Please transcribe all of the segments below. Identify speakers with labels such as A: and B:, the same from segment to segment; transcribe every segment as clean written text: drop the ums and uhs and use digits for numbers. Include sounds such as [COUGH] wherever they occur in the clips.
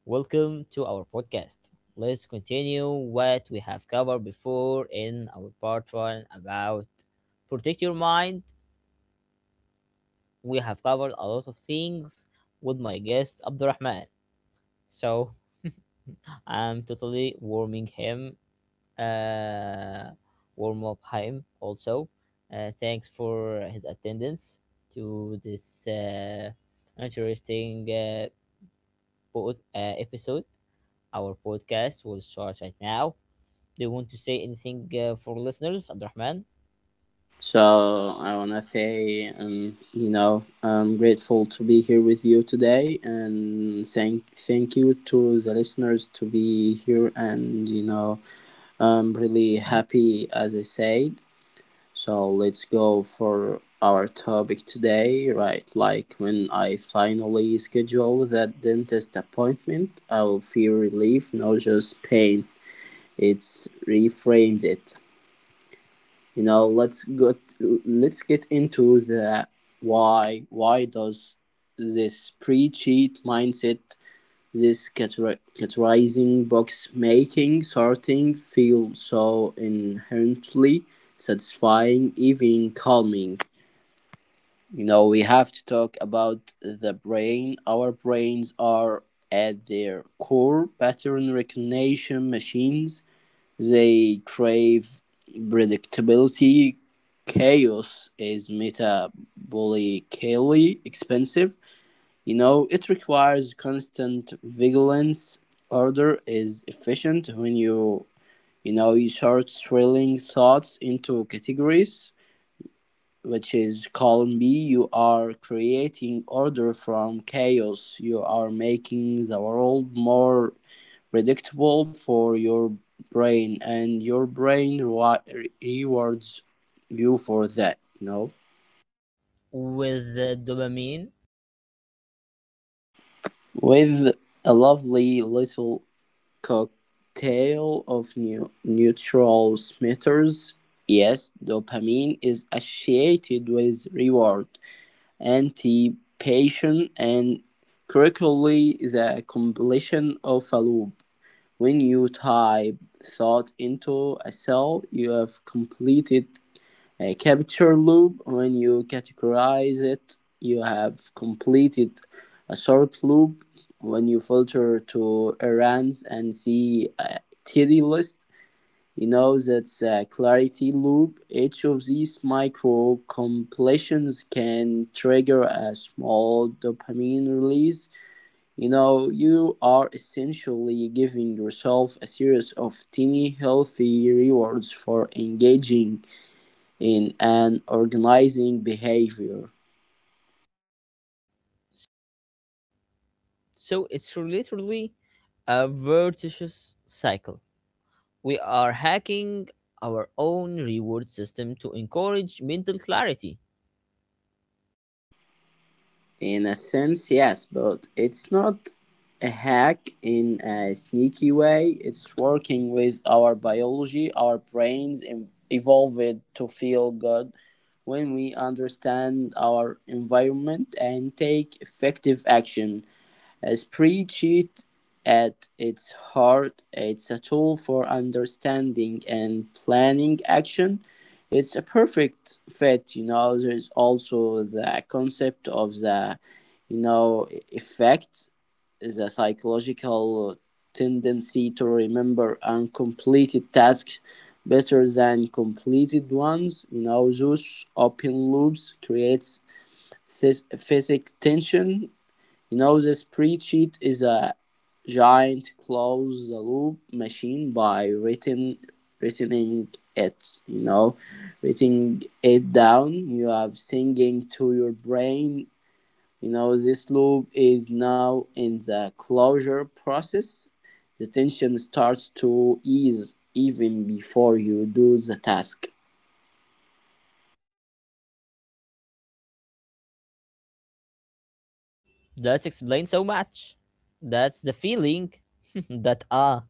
A: Welcome to our podcast. Let's continue what we have covered before in our part one about protect your mind. We have covered a lot of things with my guest Abdurrahman. So I'm totally warming him, uh, warm up him also. Thanks for his attendance to this interesting episode. Our podcast will start right now. Do you want to say anything for listeners, Abdurrahman?
B: So
A: So
B: I want to
A: I
B: say,
A: think.
B: I'm grateful to be here with you today, and thank you to the listeners to be here, I'm really happy as I said. So let's go for our topic today, right? Like when I finally schedule that dentist appointment, I will feel relief, not just pain. It reframes it. you know let's get let's get into the why does this pre-cheat mindset, this categorizing, box making, sorting feel so inherently satisfying, even calming? We have to talk about the brain. Our brains are at their core pattern recognition machines. They crave predictability. Chaos is metabolically expensive. You know, it requires constant vigilance. Order is efficient. When you know, You sort thrilling thoughts into categories, which is column B. You are creating order from chaos. You are making the world more predictable for your brain, and your brain rewards you for that, you know?
A: With dopamine.
B: With a lovely little cocktail of new neutral smetters. Yes, dopamine is associated with reward anticipation and, critically, the completion of a loop. When you type thought into a cell, you have completed a capture loop. When you categorize it, you have completed a sort loop. When you filter to errands and see a TD list, you know, that's a clarity loop. Each of these micro completions can trigger a small dopamine release. You know, you are essentially giving yourself a series of tiny healthy rewards for engaging in an organizing behavior.
A: So it's literally a virtuous cycle. We are hacking our own reward system to encourage mental clarity.
B: In a sense, yes, but it's not a hack in a sneaky way. It's working with our biology. Our brains evolved to feel good when we understand our environment and take effective action. As preached at its heart, it's a tool for understanding and planning action. It's a perfect fit, you know. There's also the concept of the, you know, effect, the psychological tendency to remember uncompleted tasks better than completed ones. You know, those open loops creates this physical tension. The spreadsheet is a giant close the loop machine. By written writing it, you know, writing it down, you have singing to your brain. You know, this loop is now in the closure process. The tension starts to ease even before you do the task.
A: That's explained so much. That's the feeling [LAUGHS] that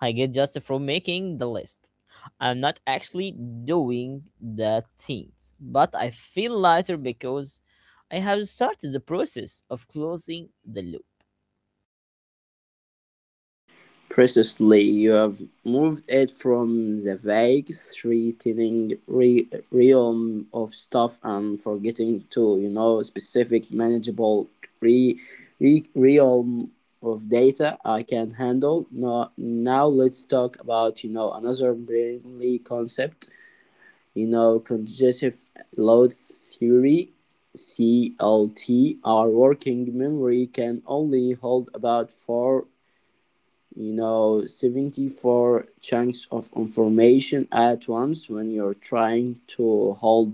A: I get just from making the list. I'm not actually doing the things, but I feel lighter because I have started the process of closing the loop.
B: Precisely, you have moved it from the vague, threatening realm of stuff and forgetting to, you know, specific, manageable re- realm of data I can handle. Now let's talk about, you know, another brilliantly concept, you know, congestive load theory. CLT, our working memory can only hold about four, you know, 74 chunks of information at once. When you're trying to hold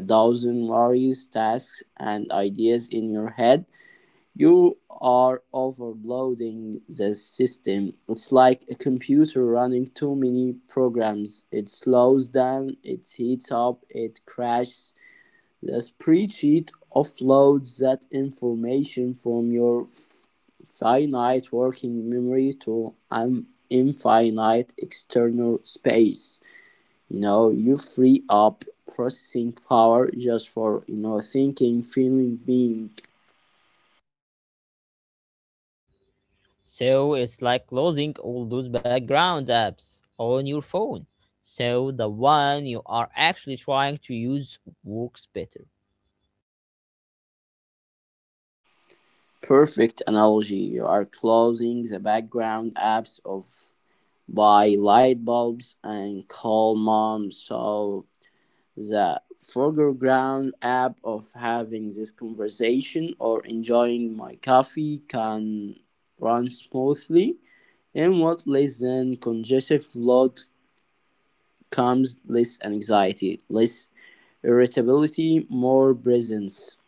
B: a thousand various tasks and ideas in your head, you are overloading the system. It's like a computer running too many programs: it slows down, it heats up, it crashes. The spreadsheet offloads that information from your finite working memory to an infinite external space. You know, you free up processing power just for, you know, thinking, feeling, being.
A: So it's like closing all those background apps on your phone, so the one you are actually trying to use works better.
B: Perfect analogy. You are closing the background apps of by light bulbs and call mom, so the foreground app of having this conversation or enjoying my coffee can run smoothly, and what less than congestive load comes less anxiety, less irritability, more presence.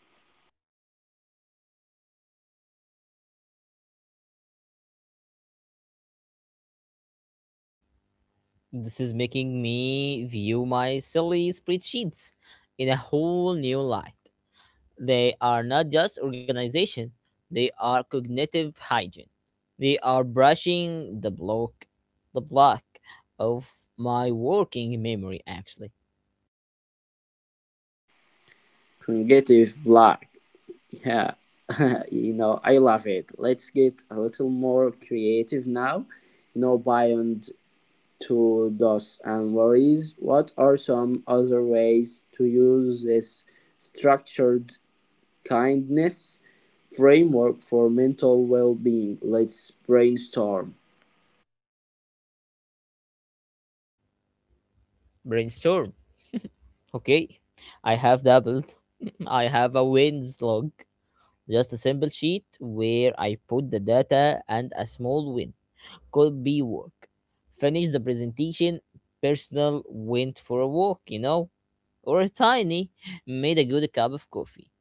A: This is making me view my silly spreadsheets in a whole new light. They are not just organization, they are cognitive hygiene. They are brushing the block of my working memory actually.
B: Creative block. Yeah. [LAUGHS] I love it. Let's get a little more creative now. Beyond to do's and worries, what are some other ways to use this structured kindness framework for mental well being? Let's brainstorm.
A: Brainstorm. Okay. I have doubled. [LAUGHS] I have a wins log. Just a simple sheet where I put the data and a small win. Could be work. Finished the presentation, personal went for a walk, you know, or a tiny, made a good cup of coffee.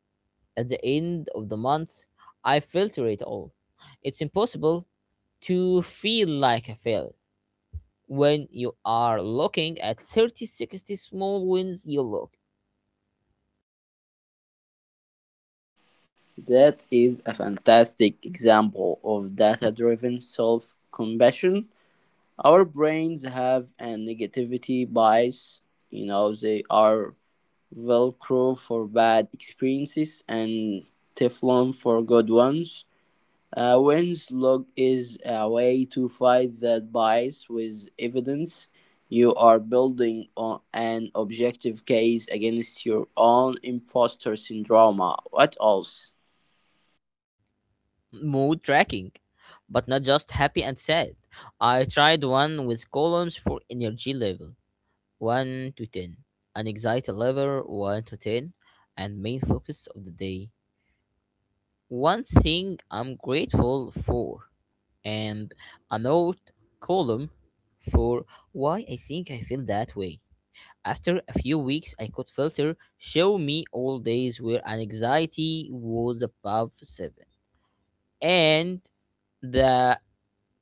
A: At the end of the month, I filter it all. It's impossible to feel like a failure when you are looking at 30-60 small wins you looked.
B: That is a fantastic example of data driven self compassion. Our brains have a negativity bias, you know, they are velcro for bad experiences and Teflon for good ones. Wins log is a way to fight that bias with evidence. You are building on an objective case against your own imposter syndrome. What else?
A: Mood tracking, but not just happy and sad. I tried one with columns for energy level 1 to 10, an anxiety level 1 to 10, and main focus of the day. One thing I'm grateful for. And a note column for why I think I feel that way. After a few weeks, I could filter show me all days where anxiety was above 7. And the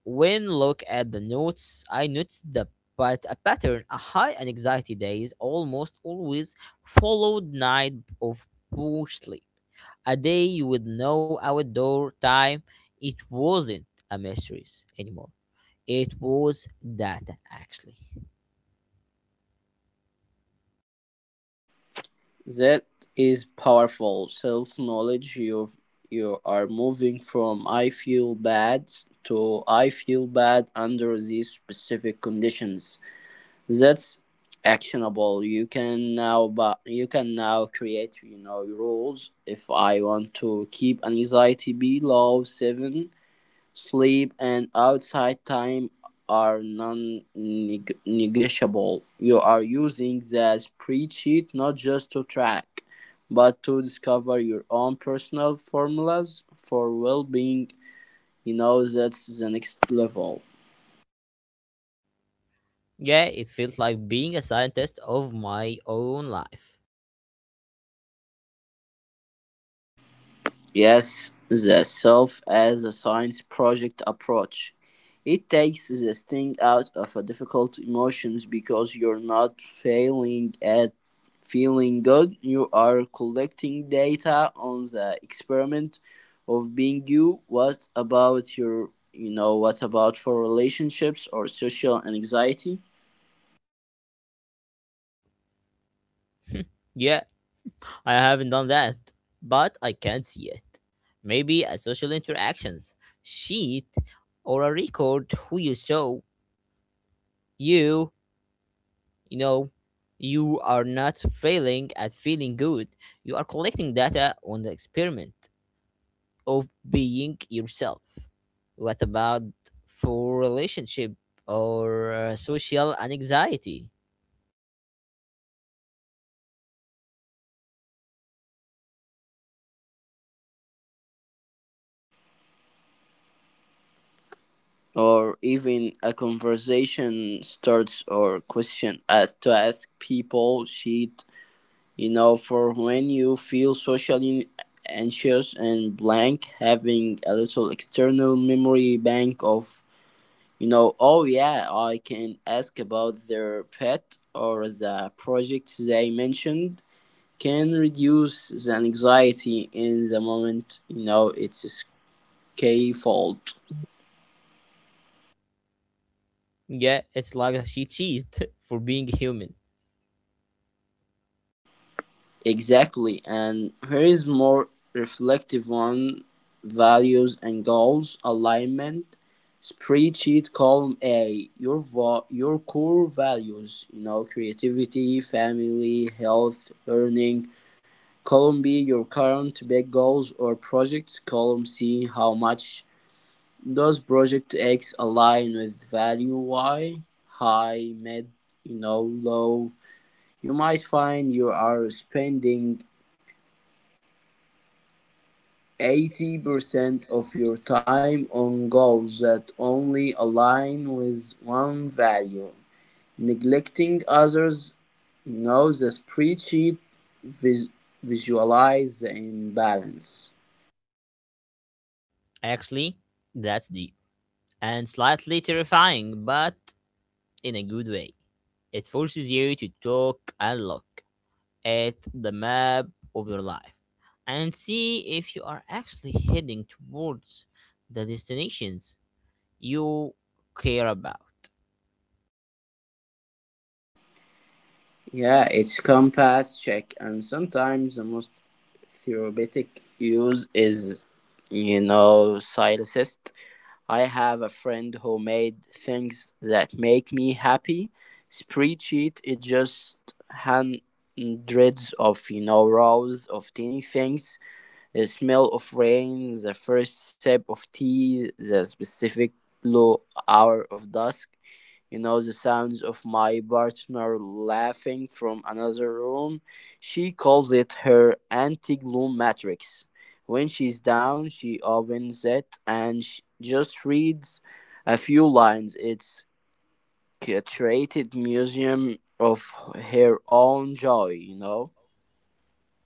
A: when look at the notes, I noticed the but a pattern. A high and anxiety days almost always followed night of poor sleep, a day with no outdoor time. It wasn't a mystery anymore. It was data actually.
B: That is powerful self knowledge. You are moving from I feel bad to I feel bad under these specific conditions. That's actionable. You can now create, you know, rules. If I want to keep anxiety below 7, sleep and outside time are non-negotiable. You are using that spreadsheet not just to track, but to discover your own personal formulas for well-being. You know, that's the next level.
A: Yeah, it feels like being a scientist of my own life.
B: Yes, the self as a science project approach. It takes the sting out of a difficult emotions because you're not failing at feeling good. You are collecting data on the experiment of being you. What about what about for relationships or social anxiety?
A: Yeah, I haven't done that, but I can see it. Maybe a social interactions sheet or a record who you show you, you know, you are not failing at feeling good. You are collecting data on the experiment of being yourself. What about for relationship or social anxiety?
B: Or even a conversation starts or question as to ask people cheat. You know, for when you feel socially anxious and blank, having a little external memory bank of, you know, oh yeah, I can ask about their pet or the project they mentioned, can reduce the anxiety in the moment. You know, it's a scaffold.
A: Yeah, it's like a cheat sheet [LAUGHS] for being human.
B: Exactly, and here is more reflective on values and goals alignment spreadsheet. Column A, your your core values, you know, creativity, family, health, learning. Column B, your current big goals or projects. Column C, how much does project X align with value Y: high, mid, you know, low. You might find you are spending 80% of your time on goals that only align with one value, neglecting others. Knows the spreadsheet, vis- visualize the imbalance.
A: Actually, that's the and slightly terrifying, but in a good way. It forces you to talk and look at the map of your life and see if you are actually heading towards the destinations you care about.
B: Yeah, it's compass check, and sometimes the most therapeutic use is, you know, silenced. I have a friend who made things that make me happy. Spreadsheet, it just hundreds of, you know, rows of tiny things. The smell of rain, the first sip of tea, the specific blue hour of dusk. You know, the sounds of my partner laughing from another room. She calls it her anti gloom matrix. When she's down, she opens it and sh just reads a few lines. It's curated museum of her own joy, you know?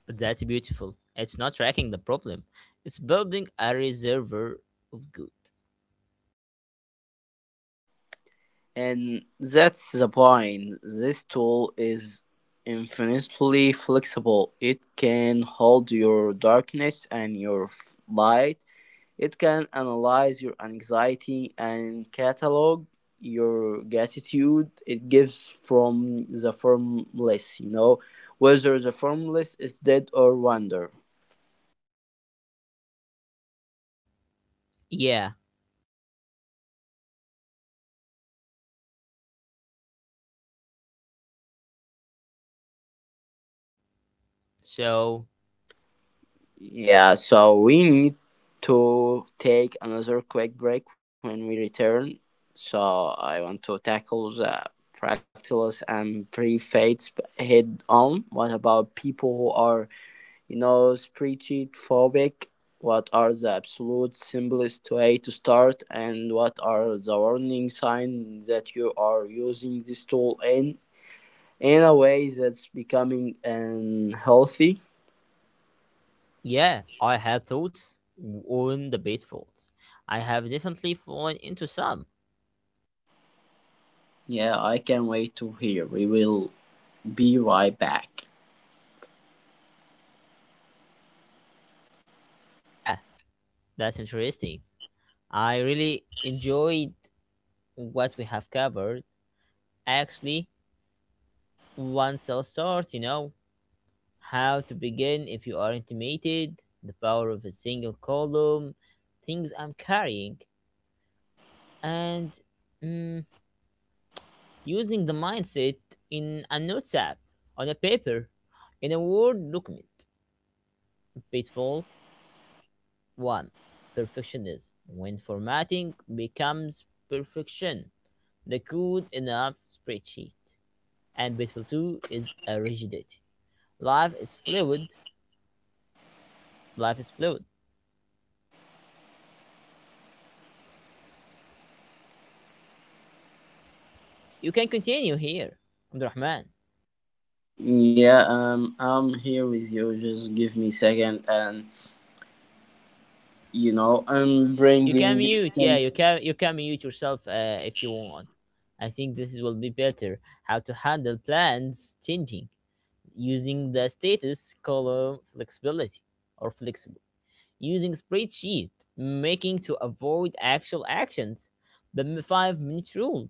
A: That's beautiful. It's not tracking the problem, it's building a reservoir of good.
B: And that's the point. This tool is infinitely flexible. It can hold your darkness and your light. It can analyze your anxiety and catalog your gratitude. It gives from the form list, you know, whether the form list is dead or wonder.
A: Yeah, so
B: Yeah, so we need to take another quick break. When we return, so I want to tackle the fractals and prefades head on. What about people who are, you know, spreadsheet phobic? What are the absolute simplest way to start, and what are the warning signs that you are using this tool in a way that's becoming unhealthy?
A: yeah, I have thoughts on the pitfalls. I have definitely fallen into some.
B: Yeah, I can't wait to hear. We will be right back.
A: Yeah, that's interesting. I really enjoyed what we have covered. Actually, one cell start, you know, how to begin if you are intimidated, the power of a single column, things I'm carrying, and mm, using the mindset in a notes app, on a paper, in a Word document. Pitfall 1, perfectionism. When formatting becomes perfection, the good enough spreadsheet. And beautiful too is a rigidity. Life is fluid. Life is fluid. You can continue here, Abdurrahman.
B: Yeah, I'm here with you. Just give me a second, and you know, I'm
A: You can
B: bringing
A: mute. Yeah, you
B: things.
A: can you can mute yourself if you want. I think this will be better. How to handle plans changing using the status column flexibility or flexible. Using spreadsheet making to avoid actual actions. The 5-minute rule.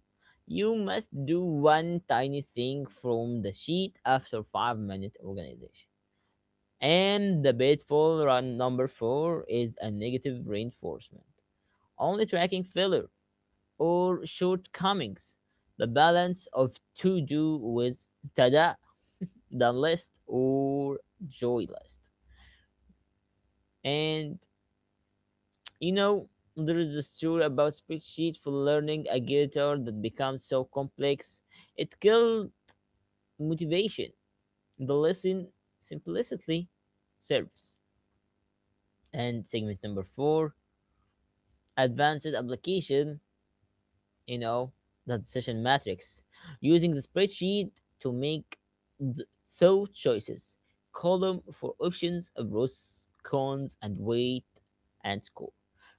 A: You must do one tiny thing from the sheet after 5-minute organization. And the pitfall run number 4 is a negative reinforcement. Only tracking failure or shortcomings. The balance of to do with tada, done list or joy list. And you know, there is a story about spreadsheet for learning a guitar that becomes so complex it killed motivation. The lesson simplicity serves. And segment number four, advanced application, you know, that decision matrix. Using the spreadsheet to make the thought choices. Column for options, pros, cons, and weight and score.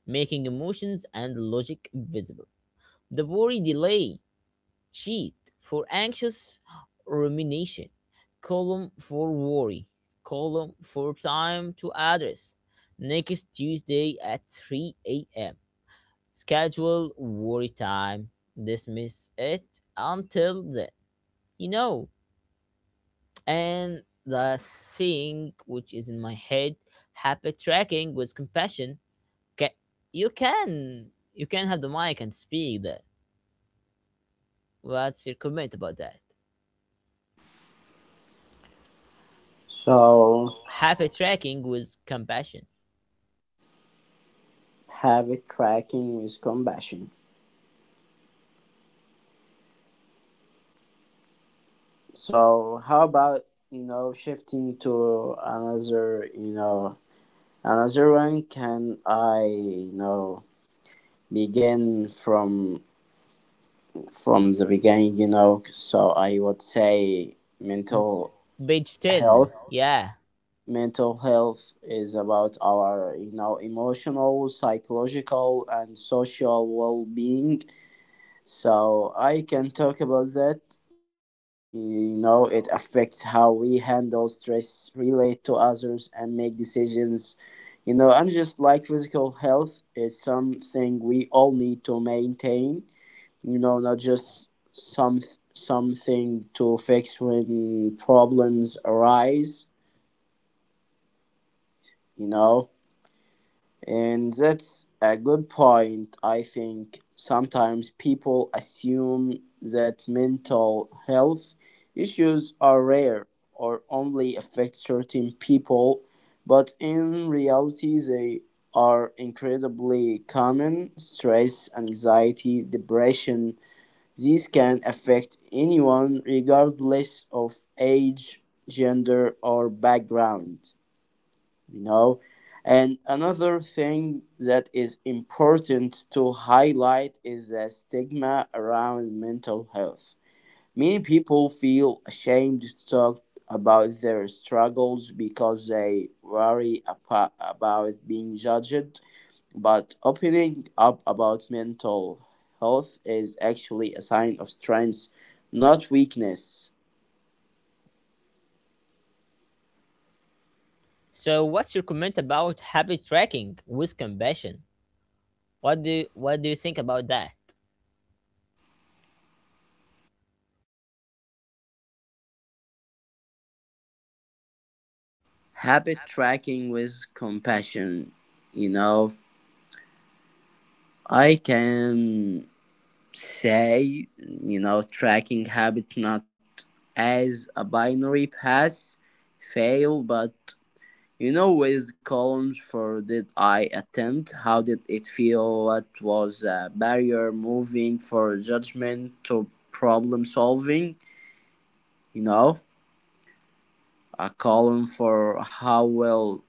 A: Making emotions and logic visible. The worry delay cheat for anxious rumination. Column for worry. Column for time to address. Next Tuesday at 3 a.m. Schedule worry time. Dismiss it until then. You know, and the thing which is in my head, habit tracking with compassion. Ca you can you can have the mic and speak that. What's your comment about that?
B: So,
A: Happy tracking with compassion.
B: habit tracking with compassion. So how about, shifting to another, another one? Can I, you know, begin from the beginning? You know, so I would say mental
A: Page 10.
B: health.
A: Yeah.
B: Mental health is about our, you know, emotional, psychological, and social well being. So I can talk about that. You know, it affects how we handle stress, relate to others, and make decisions. You know, and just like physical health, is something we all need to maintain. You know, not just something to fix when problems arise. You know. And that's a good point. I think sometimes people assume that mental health issues are rare or only affect certain people, but in reality, they are incredibly common. Stress, anxiety, depression, these can affect anyone regardless of age, gender, or background. You know, and another thing that is important to highlight is the stigma around mental health. Many people feel ashamed to talk about their struggles because they worry about being judged, but opening up about mental health is actually a sign of strength, not weakness.
A: So what's your comment about happy tracking with compassion? What do you think about that?
B: Habit tracking with compassion. You know, I can say, you know, tracking habit not as a binary pass fail, but, you know, with columns for did I attempt, how did it feel, what was a barrier, moving for judgment to problem solving, you know. A column for how well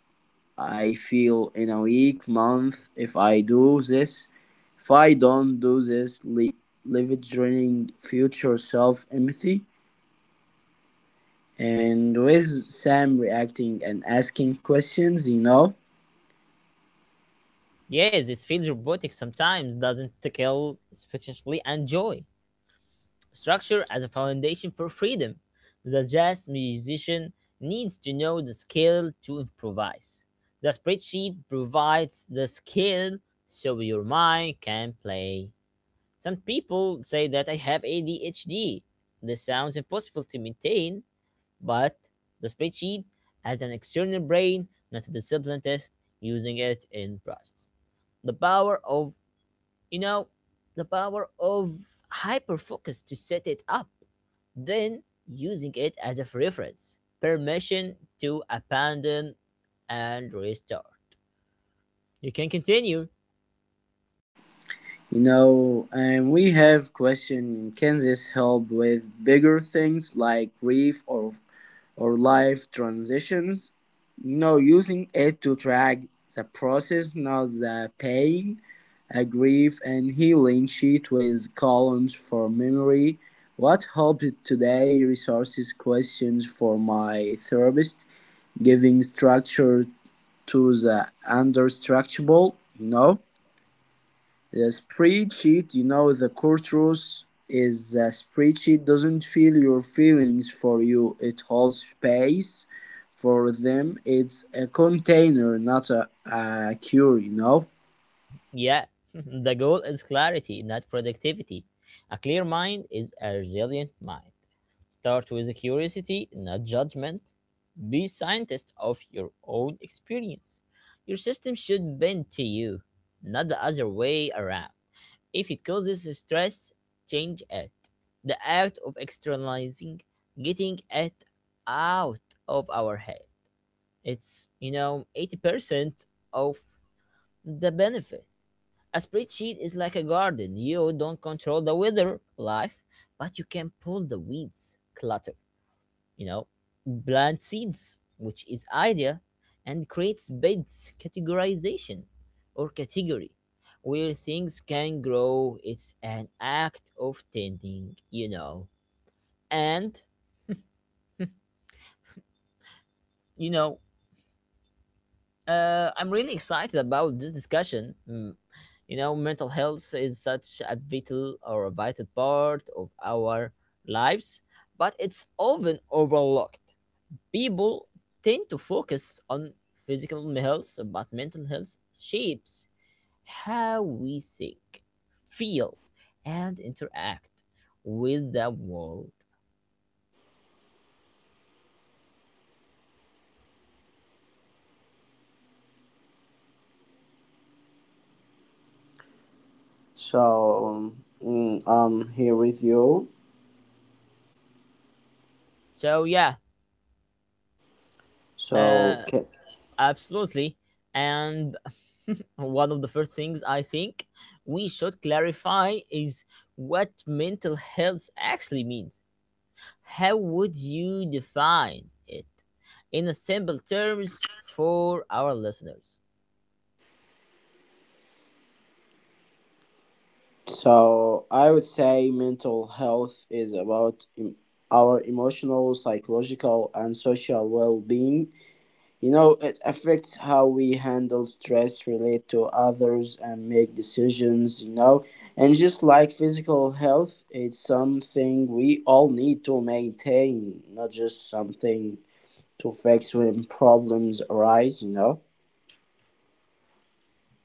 B: I feel in a week, month, if I do this. If I don't do this, leveraging future self empathy, and with Sam reacting and asking questions, you know.
A: Yes, this feels robotic sometimes, doesn't kill especially and joy. Structure as a foundation for freedom. The jazz musician needs to know the skill to improvise. The spreadsheet provides the skill so your mind can play. Some people say that I have ADHD. This sounds impossible to maintain, but the spreadsheet has an external brain, not a discipline test, using it in process. The power of, you know, the power of hyperfocus to set it up, then using it as a reference. Permission to abandon and restart. You can continue.
B: You know, and we have question: can this help with bigger things like grief or life transitions? No, using it to track the process, not the pain. A grief and healing sheet with columns for memory. What helped today? Resources, questions for my therapist, giving structure to the unstructurable, you know. The spreadsheet, you know, the core truth is a spreadsheet doesn't feel your feelings for you. It holds space for them. It's a container, not a cure, you know.
A: Yeah, [LAUGHS] the goal is clarity, not productivity. A clear mind is a resilient mind. Start with curiosity, not judgment. Be scientist of your own experience. Your system should bend to you, not the other way around. If it causes stress, change it. The act of externalizing, getting it out of our head. It's, you know, 80% of the benefit. A spreadsheet is like a garden. You don't control the weather, life, but you can pull the weeds, clutter, you know, plant seeds, which is idea, and creates beds, categorization, or category, where things can grow. It's an act of tending, you know. And, you know, I'm really excited about this discussion. You know, mental health is such a vital part of our lives, but it's often overlooked. People tend to focus on physical health, but mental health shapes how we think, feel, and interact with the world.
B: So mm, I'm here with you.
A: So yeah,
B: So
A: uh absolutely. And [LAUGHS] one of the first things I think we should clarify is what mental health actually means. How would you define it in a simple terms for our listeners?
B: so I would say mental health is about our emotional, psychological, and social well-being. You know, it affects how we handle stress, relate to others, and make decisions, you know. And just like physical health, it's something we all need to maintain, not just something to fix when problems arise, you know.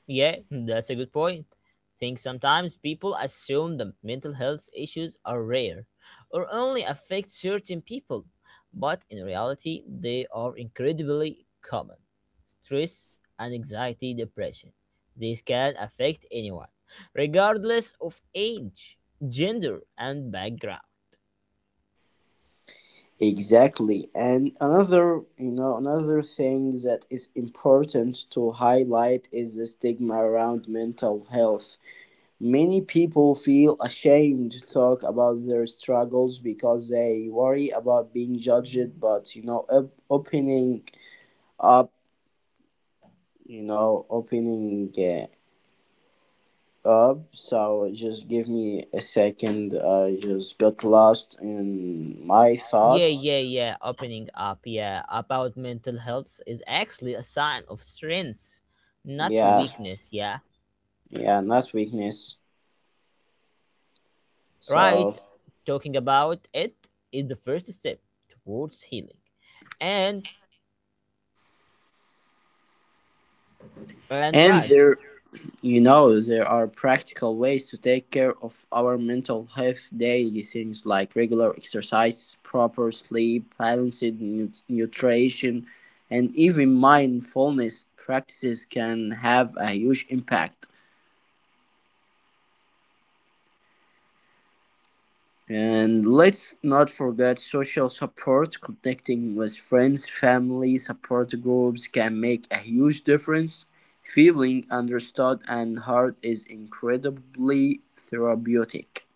A: Yeah, that's a good point. Think sometimes people assume that mental health issues are rare or only affect certain people, but in reality, they are incredibly common. Stress, anxiety, depression. These can affect anyone, regardless of age, gender, and background.
B: Exactly. And another, you know, another thing that is important to highlight is the stigma around mental health. Many people feel ashamed to talk about their struggles because they worry about being judged. But you know, opening up, you know, opening up. So just give me a second. I just got lost in my
A: Yeah,
B: thoughts.
A: yeah, yeah, opening up, yeah, about mental health is actually a sign of strength, not
B: Yeah,
A: weakness, yeah.
B: yeah, not weakness.
A: Right?
B: So
A: Talking about it is the first step towards healing. And and
B: and
A: what?
B: there, you know, there are practical ways to take care of our mental health daily. Things like regular exercise, proper sleep, balanced nutrition, and even mindfulness practices can have a huge impact. And let's not forget social support. Connecting with friends, family, support groups can make a huge difference. Feeling understood and heard is incredibly therapeutic.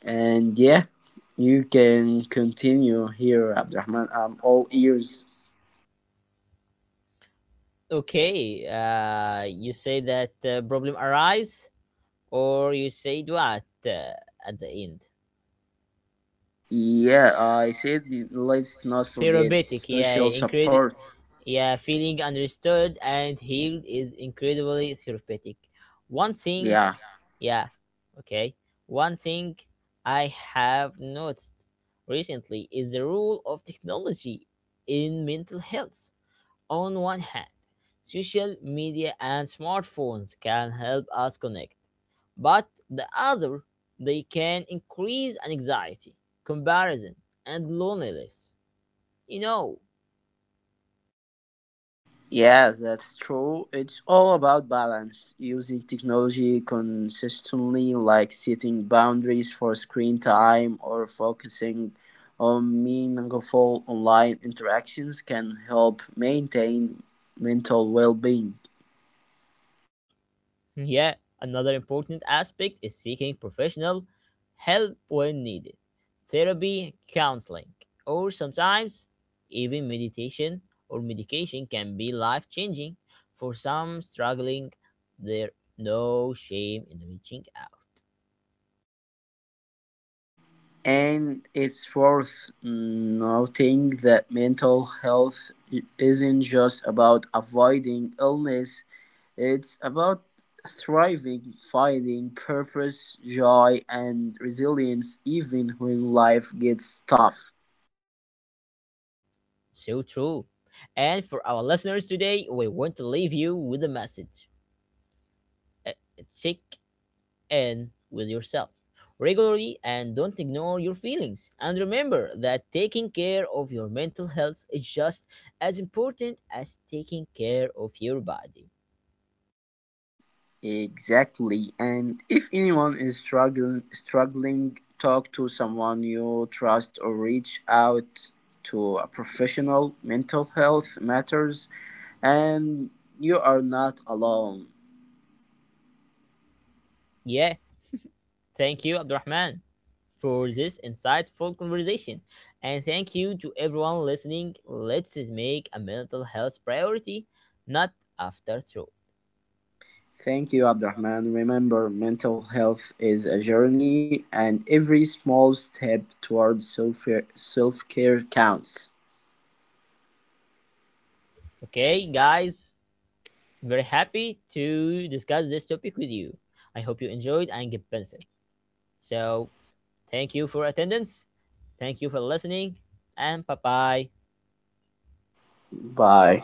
B: And yeah, you can continue here, Abdurrahman. I'm all ears.
A: Okay, you say that problem arise, or you say what at the end?
B: Yeah, I said let's
A: Feeling
B: not forget
A: therapeutic, yeah,
B: social
A: incredible.
B: support.
A: Yeah, feeling understood and healed is incredibly therapeutic. One thing.
B: Yeah.
A: Yeah, okay. One thing I have noticed recently is the role of technology in mental health. On one hand, social media and smartphones can help us connect, but the other, they can increase anxiety, comparison, and loneliness. You know,
B: Yeah, that's true. It's all about balance. Using technology consistently, like setting boundaries for screen time or focusing on meaningful online interactions, can help maintain mental well being.
A: yeah, another important aspect is seeking professional help when needed, therapy, counseling, or sometimes even meditation or medication can be life changing. For some struggling, there no shame in reaching out.
B: And it's worth noting that mental health isn't just about avoiding illness, it's about thriving, finding purpose, joy, and resilience even when life gets tough.
A: So true. And for our listeners today, we want to leave you with a message. Uh, Check and with yourself regularly and don't ignore your feelings. And remember that taking care of your mental health is just as important as taking care of your body.
B: Exactly. And if anyone is talk to someone you trust or reach out to a professional. Mental health matters. And you are not alone.
A: Yeah, thank you, Abdurrahman, for this insightful conversation. And thank you to everyone listening. Let's make a mental health priority, not after through.
B: Thank you, Abdurrahman. Remember, mental health is a journey, and every small step towards self care counts.
A: Okay, guys, very happy to discuss this topic with you. I hope you enjoyed and get benefit. So, thank you for attendance. Thank you for listening. And bye bye.
B: Bye.